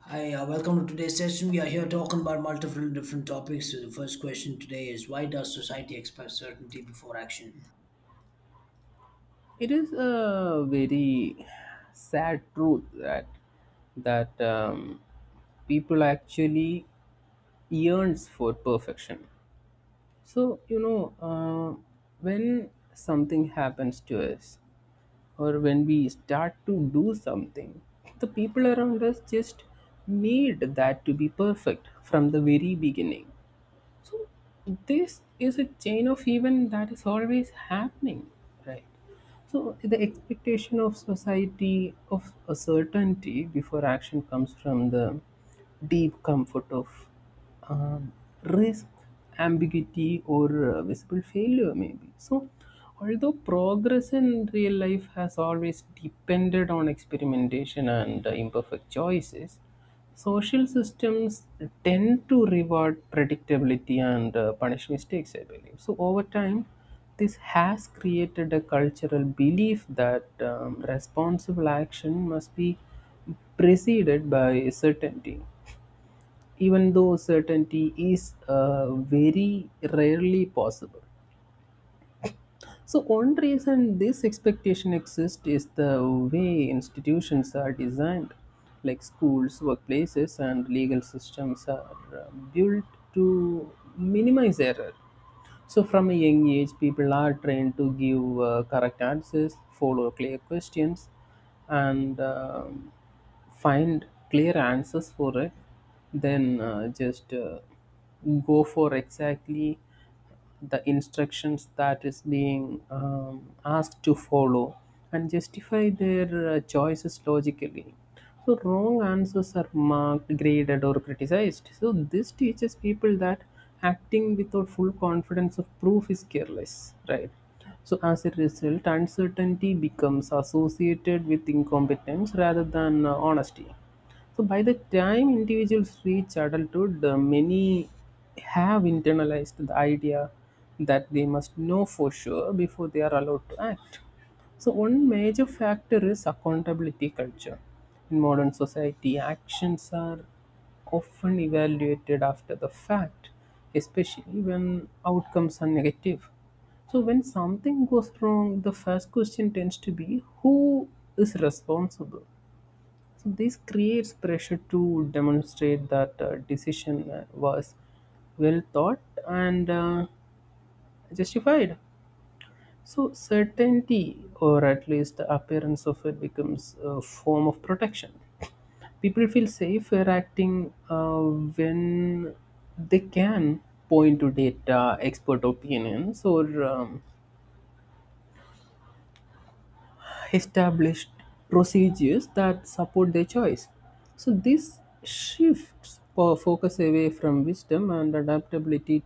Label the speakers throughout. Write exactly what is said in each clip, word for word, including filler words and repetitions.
Speaker 1: Hi, uh, welcome to today's session. We are here talking about multiple different topics. So the first question today is why does society expect certainty before action?
Speaker 2: It is a very sad truth that that um, people actually yearns for perfection. So you know uh, when something happens to us, or when we start to do something, the people around us just need that to be perfect from the very beginning. So this is a chain of event that is always happening, right? So the expectation of society of a certainty before action comes from the deep comfort of um, risk, ambiguity, or uh, visible failure, maybe. So, although progress in real life has always depended on experimentation and uh, imperfect choices, social systems tend to reward predictability and uh, punish mistakes, I believe. So, over time, this has created a cultural belief that um, responsible action must be preceded by certainty, even though certainty is uh, very rarely possible. So one reason this expectation exists is the way institutions are designed, like schools, workplaces, and legal systems are uh, built to minimize error. So from a young age, people are trained to give uh, correct answers, follow clear questions, and um find clear answers for it. Then uh, just uh, go for exactly the instructions that is being um, asked to follow and justify their uh, choices logically. So wrong answers are marked, graded, or criticized. So this teaches people that acting without full confidence of proof is careless, right? So as a result, uncertainty becomes associated with incompetence rather than uh, honesty. So by the time individuals reach adulthood, uh, many have internalized the idea that they must know for sure before they are allowed to act. So one major factor is accountability culture. In modern society, actions are often evaluated after the fact, especially when outcomes are negative. So when something goes wrong, the first question tends to be, who is responsible? So this creates pressure to demonstrate that uh, decision uh, was well thought and uh, justified. So certainty, or at least the appearance of it, becomes a form of protection. People feel safer acting uh, when they can point to data, expert opinions, or um, established procedures that support their choice. So this shifts po- focus away from wisdom and adaptability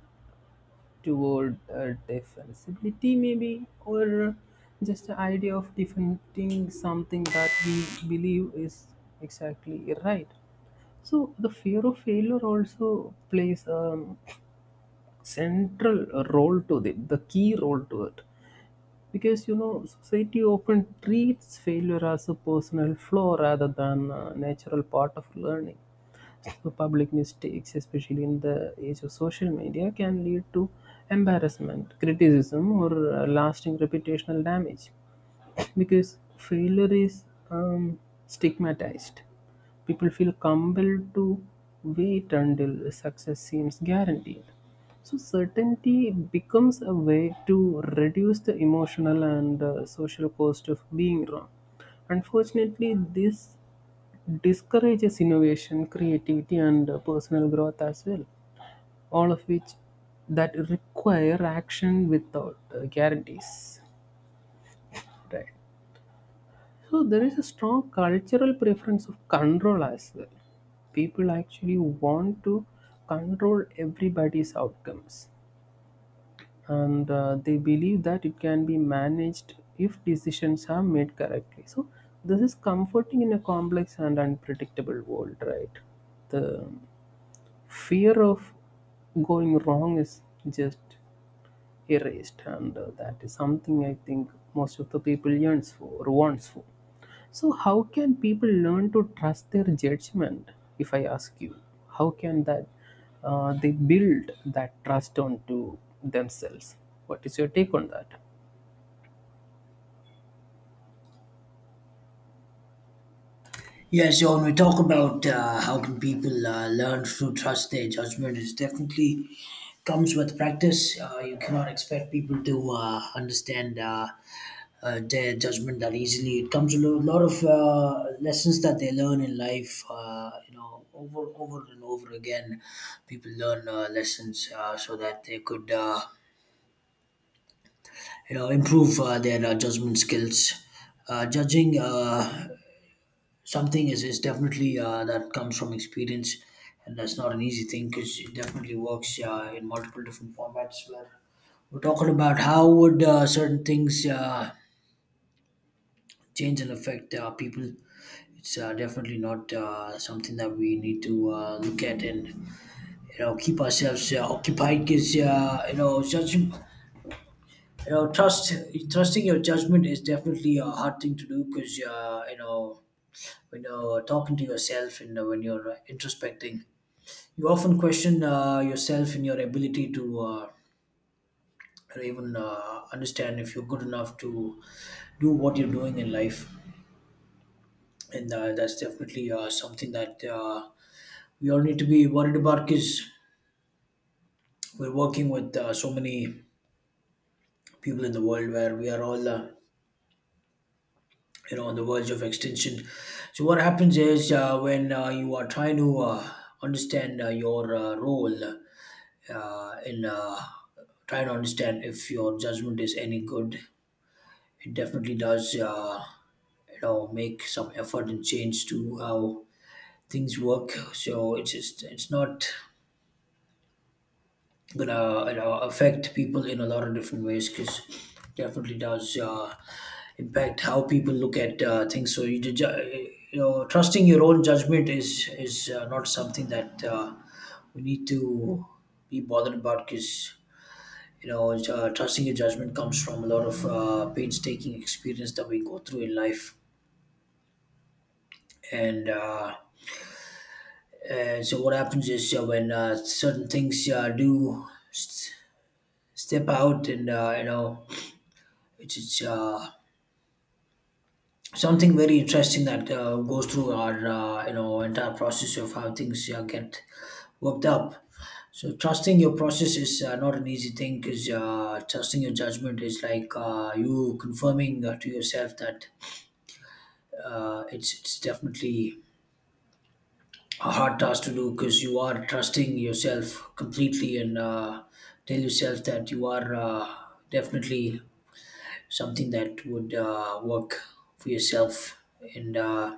Speaker 2: toward uh, defensibility, maybe, or just the idea of defending something that we believe is exactly right. So the fear of failure also plays a central role to it, the key role to it, because you know society often treats failure as a personal flaw rather than a natural part of learning. So public mistakes, especially in the age of social media, can lead to embarrassment, criticism, or uh, lasting reputational damage, because failure is um, stigmatized. People feel compelled to wait until success seems guaranteed. So certainty becomes a way to reduce the emotional and uh, social cost of being wrong. Unfortunately, this discourages innovation, creativity, and uh, personal growth as well, all of which that require action without uh, guarantees. Right. So there is a strong cultural preference of control as well. People actually want to control everybody's outcomes, and uh, they believe that it can be managed if decisions are made correctly. So this is comforting in a complex and unpredictable world, right? The fear of going wrong is just erased, and uh, that is something I think most of the people yearns for or wants for. So how can people learn to trust their judgment? If I ask you, how can that uh, they build that trust onto themselves? What is your take on that?
Speaker 1: Yeah, so when we talk about uh, how can people uh, learn to trust their judgment, it definitely comes with practice. Uh, you cannot expect people to uh, understand uh, uh, their judgment that easily. It comes with a lot of uh, lessons that they learn in life. Uh, you know, over over and over again, people learn uh, lessons uh, so that they could, uh, you know, improve uh, their uh, judgment skills. Uh, judging. Uh, something is, is definitely uh, that comes from experience, and that's not an easy thing because it definitely works uh, in multiple different formats where we're talking about how would uh, certain things uh, change and affect uh, people. It's uh, definitely not uh, something that we need to uh, look at and you know keep ourselves uh, occupied because uh, you know judgment you know trust trusting your judgment is definitely a hard thing to do because uh, you know, when you're talking to yourself and uh, when you're uh, introspecting, you often question uh, yourself in your ability to uh, or even uh, understand if you're good enough to do what you're doing in life. And uh, that's definitely uh, something that uh, we all need to be worried about because we're working with uh, so many people in the world where we are all, uh, you know, on the verge of extinction. So what happens is uh, when uh, you are trying to uh, understand uh, your uh, role uh, in uh, trying to understand if your judgment is any good. It definitely does, uh, you know, make some effort and change to how things work. So it's just, it's not gonna, you know, affect people in a lot of different ways because definitely does uh, impact how people look at uh, things. So you, ju- you know, trusting your own judgment is is uh, not something that uh, we need to be bothered about because you know uh, trusting your judgment comes from a lot of uh, painstaking experience that we go through in life, and uh, and so what happens is uh, when uh, certain things uh, do s- step out, and uh, you know, it's, it's uh, something very interesting that uh, goes through our uh, you know entire process of how things uh, get worked up. So trusting your process is uh, not an easy thing because uh, trusting your judgment is like uh, you confirming uh, to yourself that uh, it's it's definitely a hard task to do because you are trusting yourself completely and uh, tell yourself that you are uh, definitely something that would uh, work for yourself, and uh,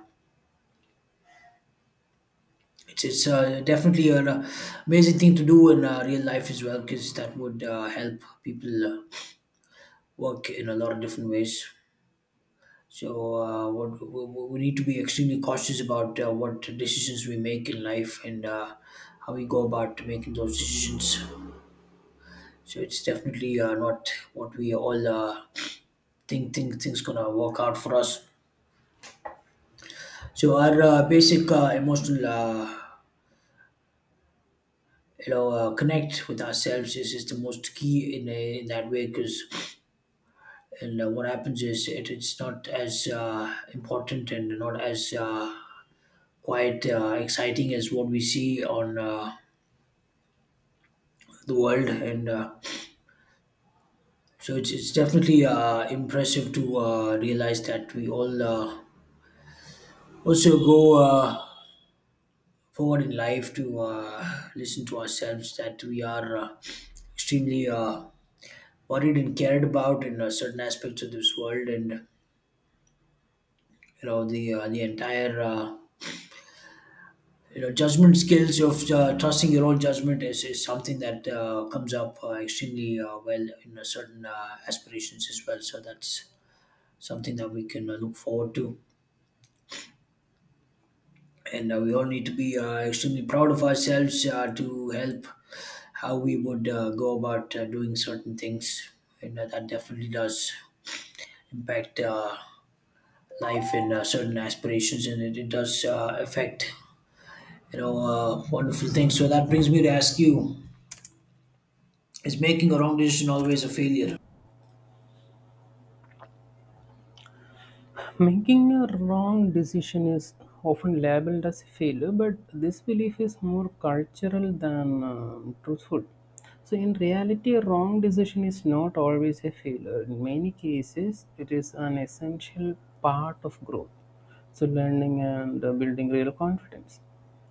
Speaker 1: it's, it's uh, definitely an uh, amazing thing to do in uh, real life as well because that would uh, help people uh, work in a lot of different ways. So uh, what we, we we need to be extremely cautious about uh, what decisions we make in life and uh, how we go about making those decisions. So it's definitely uh, not what we all uh, think think things gonna work out for us. So our uh, basic uh, emotional, uh, you know, uh, connect with ourselves is, is the most key in a, in that way because and uh, what happens is it, it's not as uh, important and not as uh, quite uh, exciting as what we see on uh, the world and. Uh, so it's, it's definitely uh, impressive to uh, realize that we all uh, also go uh, forward in life to uh, listen to ourselves that we are uh, extremely uh, worried and cared about in uh, certain aspects of this world, and you know the uh, the entire uh, you know judgment skills of uh, trusting your own judgment is, is something that uh, comes up uh, extremely uh, well in uh, certain uh, aspirations as well. So that's something that we can uh, look forward to, and uh, we all need to be uh, extremely proud of ourselves uh, to help how we would uh, go about uh, doing certain things, and uh, that definitely does impact uh, life and uh, certain aspirations, and it, it does uh, affect you know uh, wonderful things. So that brings me to ask you, is making a wrong decision always a failure?
Speaker 2: Making a wrong decision is often labeled as a failure, but this belief is more cultural than um, truthful. So, in reality, a wrong decision is not always a failure. In many cases, it is an essential part of growth. So, learning and uh, building real confidence.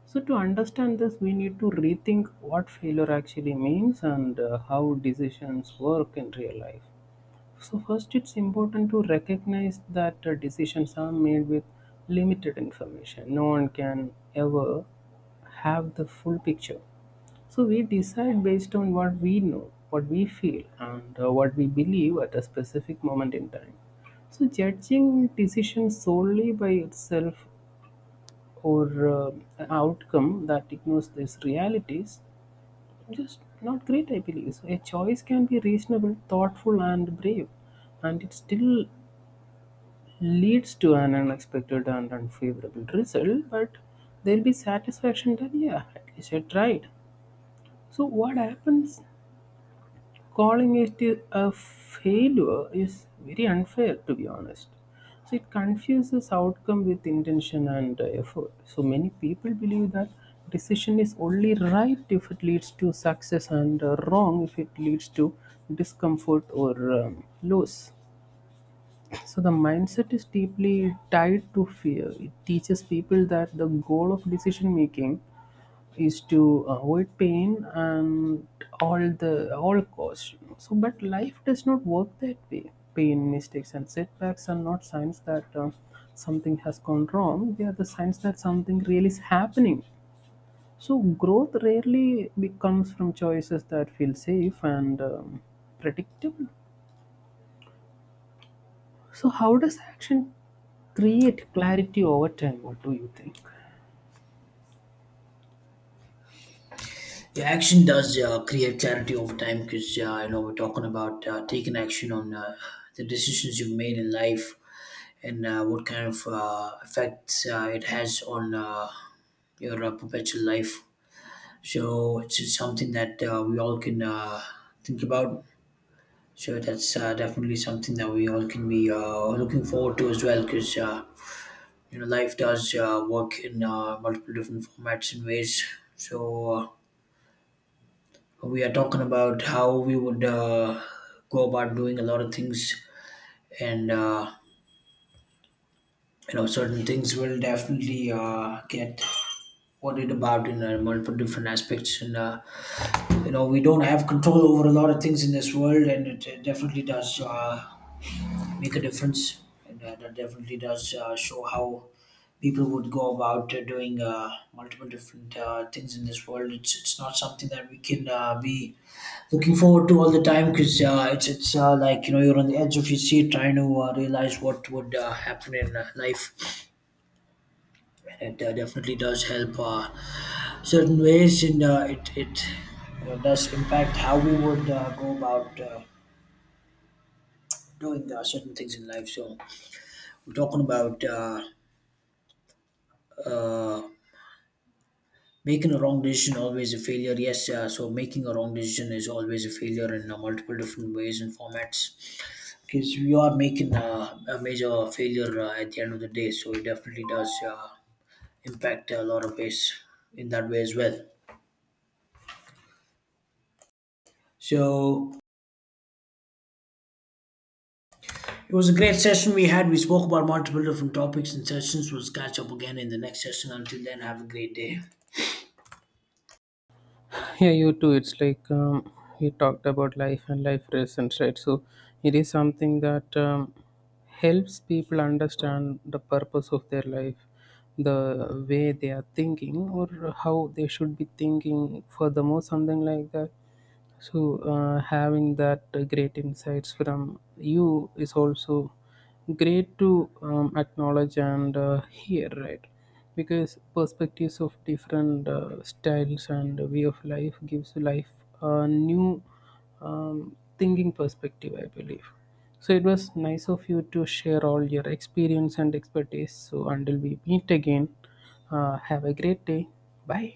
Speaker 2: So, to understand this, we need to rethink what failure actually means and uh, how decisions work in real life. So first, it's important to recognize that uh, decisions are made with limited information. No one can ever have the full picture. So we decide based on what we know, what we feel, and uh, what we believe at a specific moment in time. So judging decisions solely by itself or uh, an outcome that ignores these realities just not great, I believe. So a choice can be reasonable, thoughtful, and brave, and it still leads to an unexpected and unfavorable result, but there'll be satisfaction that, yeah, at least I tried. So, what happens, calling it a failure is very unfair, to be honest. So it confuses outcome with intention and uh, effort. So many people believe that decision is only right if it leads to success, and uh, wrong if it leads to discomfort or um, loss. So the mindset is deeply tied to fear. It teaches people that the goal of decision making is to avoid pain and all the all costs, you know. So, but life does not work that way. Pain, mistakes, and setbacks are not signs that uh, something has gone wrong. They are the signs that something really is happening. So, growth rarely be- comes from choices that feel safe and um, predictable. So, how does action create clarity over time? What do you think?
Speaker 1: Yeah, action does uh, create clarity over time because uh, you know we're talking about uh, taking action on uh, the decisions you've made in life, and uh, what kind of uh, effects uh, it has on uh, your uh, perpetual life. So it's just something that uh, we all can uh, think about. So that's uh, definitely something that we all can be uh, looking forward to as well, because uh, you know life does uh, work in uh, multiple different formats and ways. So uh, we are talking about how we would uh, go about doing a lot of things, and uh, you know certain things will definitely uh, get what it about in uh, multiple different aspects, and uh, you know we don't have control over a lot of things in this world, and it, uh, definitely does uh, make a difference, and uh, that definitely does uh, show how people would go about uh, doing uh, multiple different uh, things in this world. it's, it's not something that we can uh, be looking forward to all the time because uh, it's it's uh, like you know you're on the edge of your seat trying to uh, realize what would uh, happen in uh, life, and it uh, definitely does help uh, certain ways, and uh, it, it you know, does impact how we would uh, go about uh, doing uh, certain things in life. So we're talking about uh, uh, making a wrong decision always a failure. Yes, uh, so making a wrong decision is always a failure in uh, multiple different ways and formats because you are making uh, a major failure uh, at the end of the day. So it definitely does uh, impact a lot of ways in that way as well. So it was a great session we had. We spoke about multiple different topics and sessions. We'll catch up again in the next session. Until then, have a great day.
Speaker 2: Yeah, you too. It's like, um, you talked about life and life lessons, right? So it is something that um, helps people understand the purpose of their life, the way they are thinking or how they should be thinking furthermore, something like that. So uh, having that uh, great insights from you is also great to um, acknowledge and uh, hear, right? Because perspectives of different uh, styles and way of life gives life a new um, thinking perspective, I believe. So it was nice of you to share all your experience and expertise. So until we meet again, uh, have a great day. Bye.